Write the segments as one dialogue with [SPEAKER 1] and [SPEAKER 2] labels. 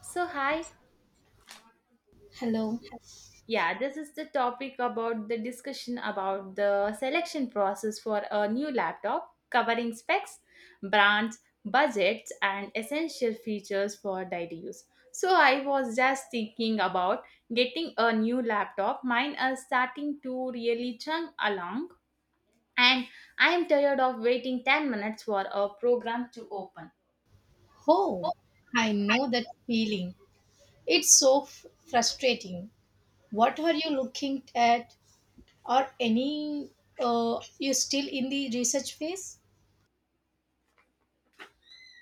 [SPEAKER 1] So, hi.
[SPEAKER 2] Hello.
[SPEAKER 1] Yeah, this is the topic about the discussion about the selection process for a new laptop, covering specs, brands, budgets, and essential features for daily use. So, I was just thinking about getting a new laptop. Mine is starting to really chug along, and I am tired of waiting 10 minutes for a program to open.
[SPEAKER 2] Oh, I know that feeling. It's frustrating. What are you looking at? Or any? You still in the research phase?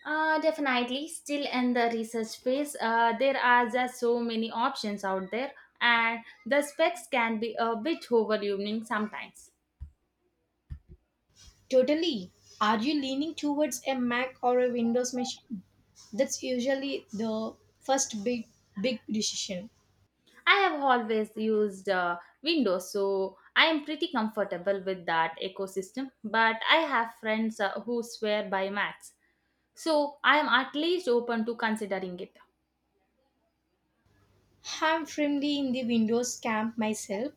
[SPEAKER 1] Definitely, still in the research phase, there are just so many options out there, and the specs can be a bit overwhelming sometimes.
[SPEAKER 2] Totally. Are you leaning towards a Mac or a Windows machine? That's usually the first big decision.
[SPEAKER 1] I have always used Windows, so I am pretty comfortable with that ecosystem, but I have friends who swear by Macs, so I am at least open to considering it.
[SPEAKER 2] I'm firmly in the Windows camp myself.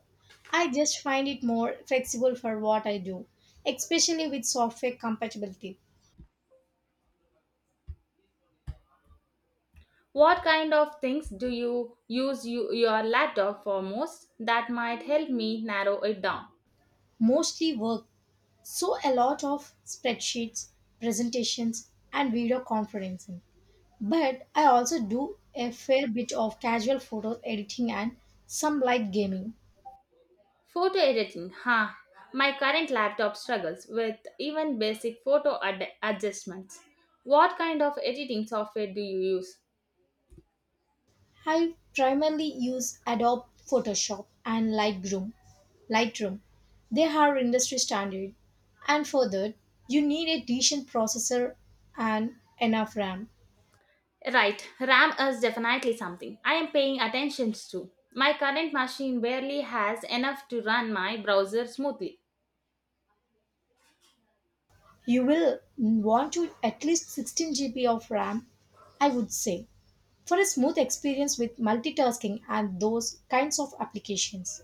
[SPEAKER 2] I just find it more flexible for what I do, especially with software compatibility.
[SPEAKER 1] What kind of things do you use your laptop for most that might help me narrow it down?
[SPEAKER 2] Mostly work. So a lot of spreadsheets, presentations, and video conferencing. But I also do a fair bit of casual photo editing and some light gaming.
[SPEAKER 1] Photo editing, huh? My current laptop struggles with even basic adjustments. What kind of editing software do you use?
[SPEAKER 2] I primarily use Adobe Photoshop and Lightroom. They are industry standard. And further, you need a decent processor and enough RAM.
[SPEAKER 1] Right, RAM is definitely something I am paying attention to. My current machine barely has enough to run my browser smoothly.
[SPEAKER 2] You will want to at least 16 GB of RAM, I would say, for a smooth experience with multitasking and those kinds of applications.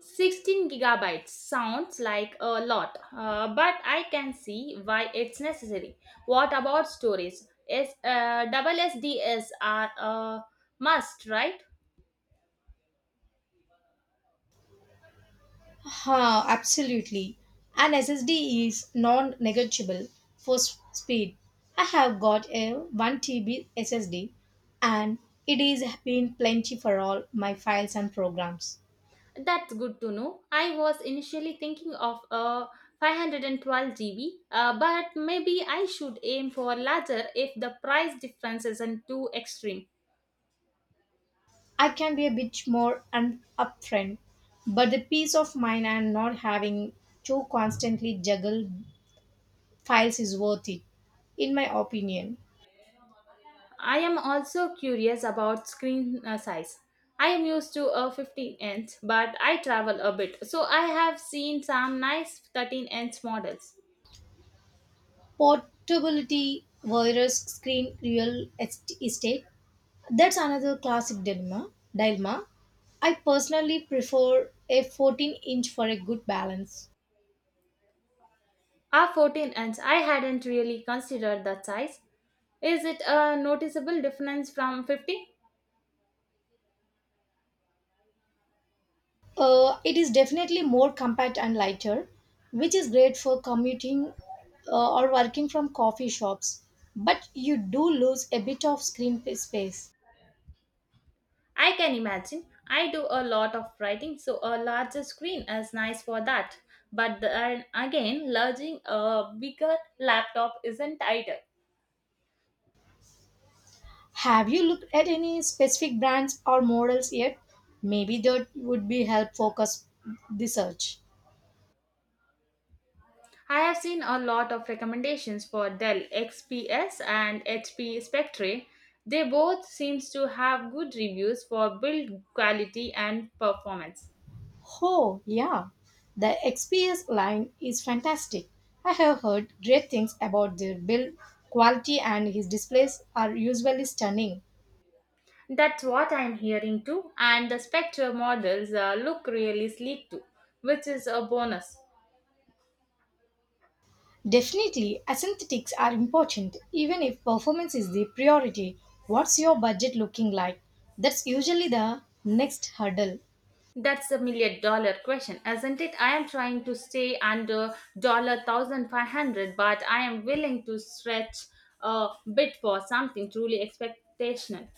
[SPEAKER 1] 16 gigabytes sounds like a lot, but I can see why it's necessary. What about storage? Is double SDs are a must, right?
[SPEAKER 2] Ha, absolutely. An SSD is non negotiable for speed. I have got a 1 TB SSD and it is been plenty for all my files and programs.
[SPEAKER 1] That's good to know. I was initially thinking of a 512 GB, but maybe I should aim for larger if the price difference isn't too extreme.
[SPEAKER 2] I can be a bit more upfront, but the peace of mind and not having to constantly juggle files is worth it, in my opinion.
[SPEAKER 1] I am also curious about screen size. I am used to a 15 inch, but I travel a bit, so I have seen some nice 13-inch models.
[SPEAKER 2] Portability virus screen real estate. That's another classic dilemma. I personally prefer a 14 inch for a good balance.
[SPEAKER 1] A 14 inch, I hadn't really considered that size. Is it a noticeable difference from 50?
[SPEAKER 2] It is definitely more compact and lighter, which is great for commuting or working from coffee shops. But you do lose a bit of screen space.
[SPEAKER 1] I can imagine. I do a lot of writing, so a larger screen is nice for that. But then again, lodging a bigger laptop isn't ideal.
[SPEAKER 2] Have you looked at any specific brands or models yet? Maybe that would be help focus the search.
[SPEAKER 1] I have seen a lot of recommendations for Dell XPS and HP Spectre. They both seems to have good reviews for build quality and performance.
[SPEAKER 2] Oh, yeah. The XPS line is fantastic. I have heard great things about their build quality and his displays are usually stunning.
[SPEAKER 1] That's what I'm hearing too, and the Spectre models look really sleek too, which is a bonus.
[SPEAKER 2] Definitely, aesthetics are important even if performance is the priority. What's your budget looking like? That's usually the next hurdle.
[SPEAKER 1] That's a million dollar question, isn't it? I am trying to stay under dollar 1,500, but I am willing to stretch a bit for something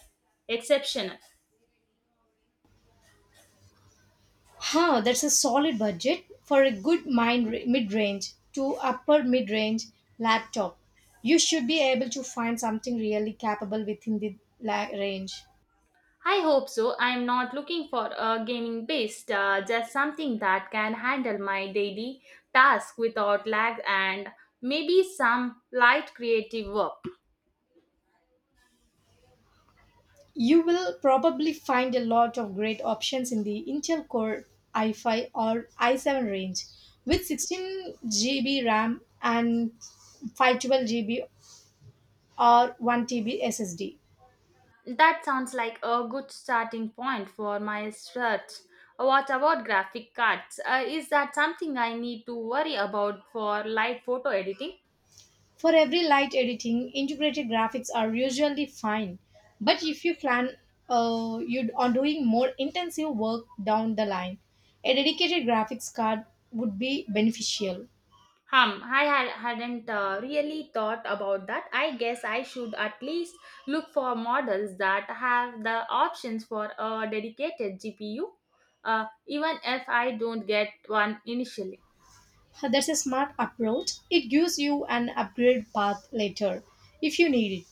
[SPEAKER 1] exceptional.
[SPEAKER 2] Huh, that's a solid budget for a good mind mid-range to upper mid-range laptop. You should be able to find something really capable within the range.
[SPEAKER 1] I hope so. I am not looking for a gaming based, just something that can handle my daily task without lag and maybe some light creative work.
[SPEAKER 2] You will probably find a lot of great options in the Intel Core i5 or i7 range with 16 GB RAM and 512 GB or 1 TB SSD.
[SPEAKER 1] That sounds like a good starting point for my search. What about graphic cards? Is that something I need to worry about for light photo editing?
[SPEAKER 2] For every light editing, integrated graphics are usually fine. But if you plan you on doing more intensive work down the line, a dedicated graphics card would be beneficial.
[SPEAKER 1] Hum, I had, hadn't really thought about that. I guess I should at least look for models that have the options for a dedicated GPU, even if I don't get one initially.
[SPEAKER 2] That's a smart approach. It gives you an upgrade path later if you need it.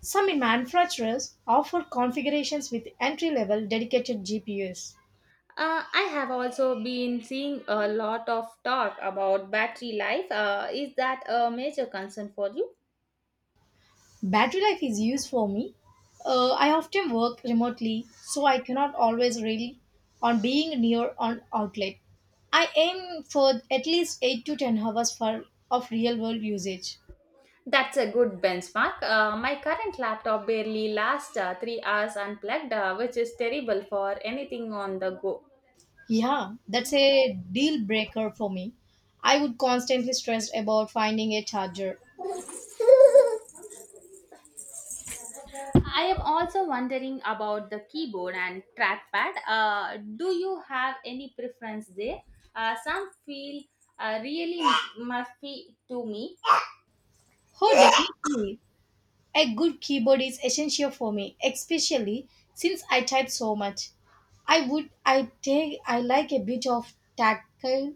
[SPEAKER 2] Some manufacturers offer configurations with entry level dedicated GPUs.
[SPEAKER 1] I have also been seeing a lot of talk about battery life. Is that a major concern for you?
[SPEAKER 2] Battery life is used for me. I often work remotely, so I cannot always rely on being near an outlet. I aim for at least 8 to 10 hours of real world usage.
[SPEAKER 1] That's a good benchmark. My current laptop barely lasts 3 hours unplugged, which is terrible for anything on the go.
[SPEAKER 2] Yeah, that's a deal breaker for me. I would constantly stress about finding a charger.
[SPEAKER 1] I am also wondering about the keyboard and trackpad. Do you have any preference there? Some feel really muffy to me,
[SPEAKER 2] Oh, definitely. A good keyboard is essential for me, especially since I type so much. I would I take I like a bit of tactile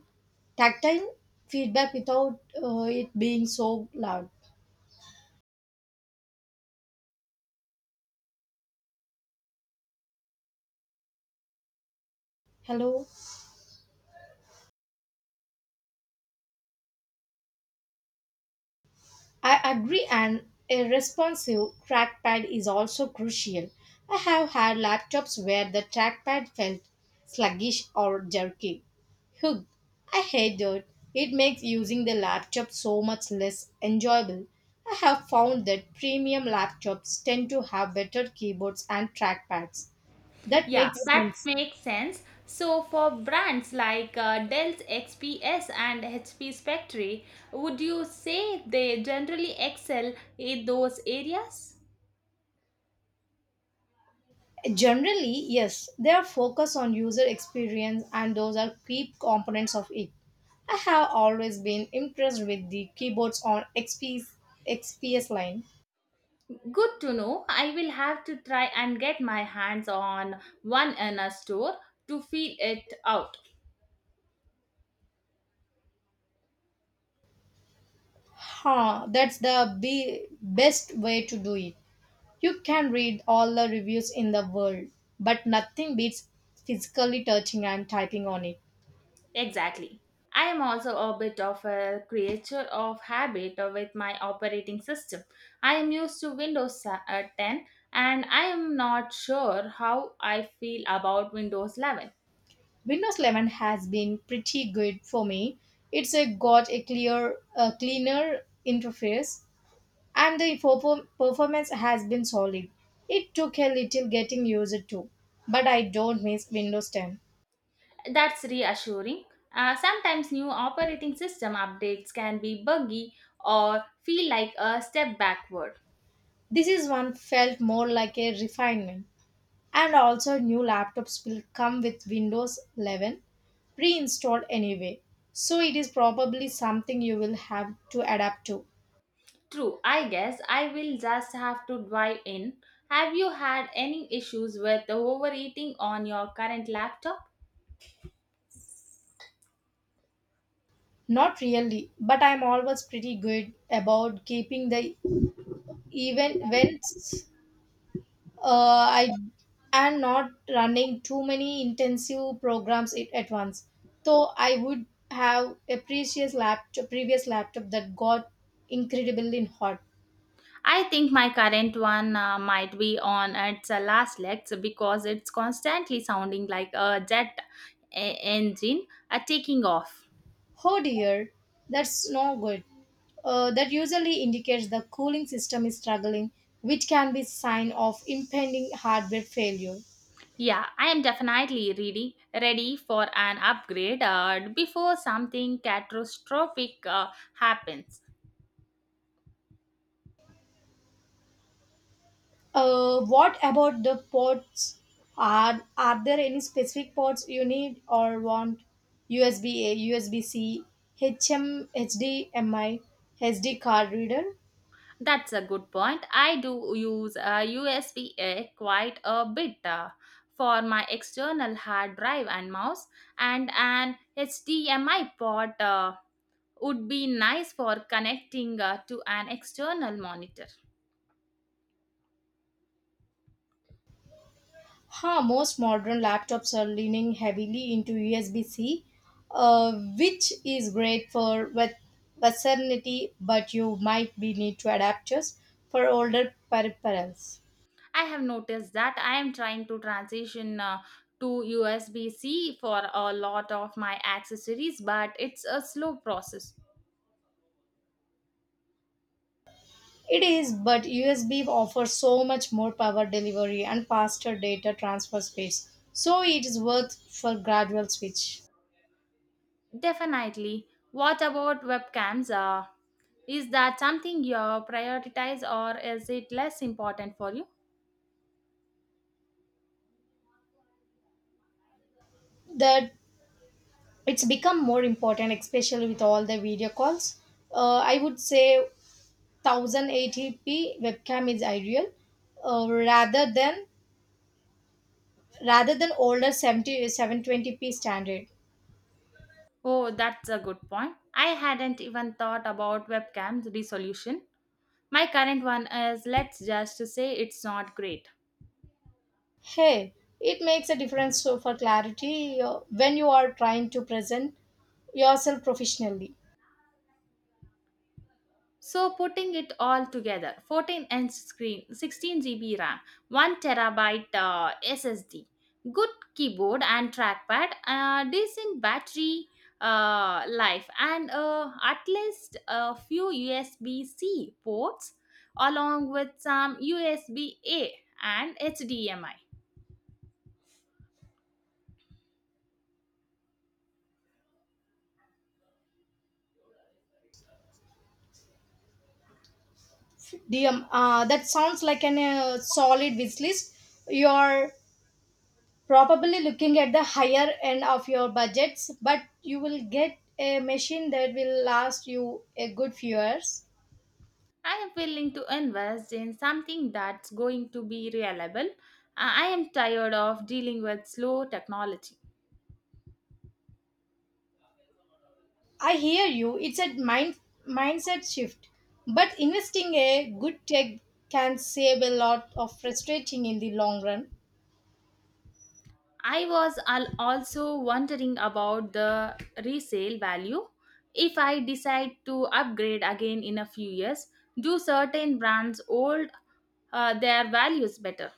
[SPEAKER 2] tactile feedback without it being so loud. Hello. I agree, and a responsive trackpad is also crucial. I have had laptops where the trackpad felt sluggish or jerky. Ugh, I hate it. It makes using the laptop so much less enjoyable. I have found that premium laptops tend to have better keyboards and trackpads. That
[SPEAKER 1] yeah,
[SPEAKER 2] makes
[SPEAKER 1] that
[SPEAKER 2] sense.
[SPEAKER 1] makes sense. So, for brands like Dell's XPS and HP Spectre, would you say they generally excel in those areas?
[SPEAKER 2] Generally, yes, they are focused on user experience and those are key components of it. I have always been impressed with the keyboards on XPS line.
[SPEAKER 1] Good to know. I will have to try and get my hands on one in a store to feel it out.
[SPEAKER 2] Huh, that's the best way to do it. You can read all the reviews in the world, but nothing beats physically touching and typing on it.
[SPEAKER 1] Exactly. I am also a bit of a creature of habit with my operating system. I am used to Windows 10 and I am not sure how I feel about Windows 11.
[SPEAKER 2] Windows 11 has been pretty good for me. It's a got a cleaner interface and the performance has been solid. It took a little getting used to, but I don't miss Windows 10.
[SPEAKER 1] That's reassuring. Sometimes new operating system updates can be buggy or feel like a step backward.
[SPEAKER 2] This is one felt more like a refinement. And also, new laptops will come with Windows 11 pre installed anyway, so it is probably something you will have to adapt to.
[SPEAKER 1] True, I guess I will just have to dive in. Have you had any issues with overeating on your current laptop?
[SPEAKER 2] Not really, but I'm always pretty good about keeping the even when I am not running too many intensive programs at once. So I would have a previous laptop that got incredibly hot.
[SPEAKER 1] I think my current one might be on its last legs because it's constantly sounding like a engine taking off.
[SPEAKER 2] Oh dear, that's no good. That usually indicates the cooling system is struggling, which can be sign of impending hardware failure.
[SPEAKER 1] Yeah, I am definitely ready for an upgrade before something catastrophic happens.
[SPEAKER 2] What about the ports? Are there any specific ports you need or want? USB A, USB C, H M, HDMI, SD card reader.
[SPEAKER 1] That's a good point. I do use USB-A quite a bit for my external hard drive and mouse, and an HDMI port. Would be nice for connecting to an external monitor.
[SPEAKER 2] Huh, most modern laptops are leaning heavily into USB C, uh, which is great for with versatility, but you might be need to adapters for older peripherals.
[SPEAKER 1] I have noticed that I am trying to transition to USB C for a lot of my accessories, but it's a slow process.
[SPEAKER 2] It is, but USB offers so much more power delivery and faster data transfer space, so it is worth for gradual switch.
[SPEAKER 1] Definitely. What about webcams? Is that something you prioritize or is it less important for you?
[SPEAKER 2] That it's become more important, especially with all the video calls. I would say 1080p webcam is ideal, uh, rather than rather than older seventy seven twenty p standard.
[SPEAKER 1] Oh, that's a good point. I hadn't even thought about webcam's resolution. My current one is, let's just say, it's not great.
[SPEAKER 2] Hey, it makes a difference so for clarity when you are trying to present yourself professionally.
[SPEAKER 1] So putting it all together, 14-inch screen, 16 GB RAM, 1 terabyte SSD, good keyboard and trackpad, decent battery life, and at least a few USB-C ports, along with some USB-A and HDMI.
[SPEAKER 2] That sounds like an solid wish list. You're probably looking at the higher end of your budgets, but you will get a machine that will last you a good few years.
[SPEAKER 1] I am willing to invest in something that's going to be reliable. I am tired of dealing with slow technology.
[SPEAKER 2] I hear you. It's a mindset shift, but investing a good tech can save a lot of frustrating in the long run.
[SPEAKER 1] I was also wondering about the resale value. If I decide to upgrade again in a few years, do certain brands hold their values better?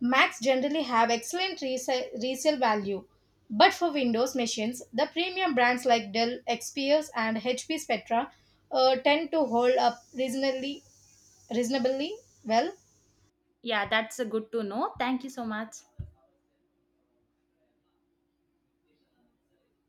[SPEAKER 2] Macs generally have excellent resale value, but for Windows machines, the premium brands like Dell, XPS, and HP Spectra tend to hold up reasonably well,
[SPEAKER 1] Yeah, that's good to know. Thank you so much.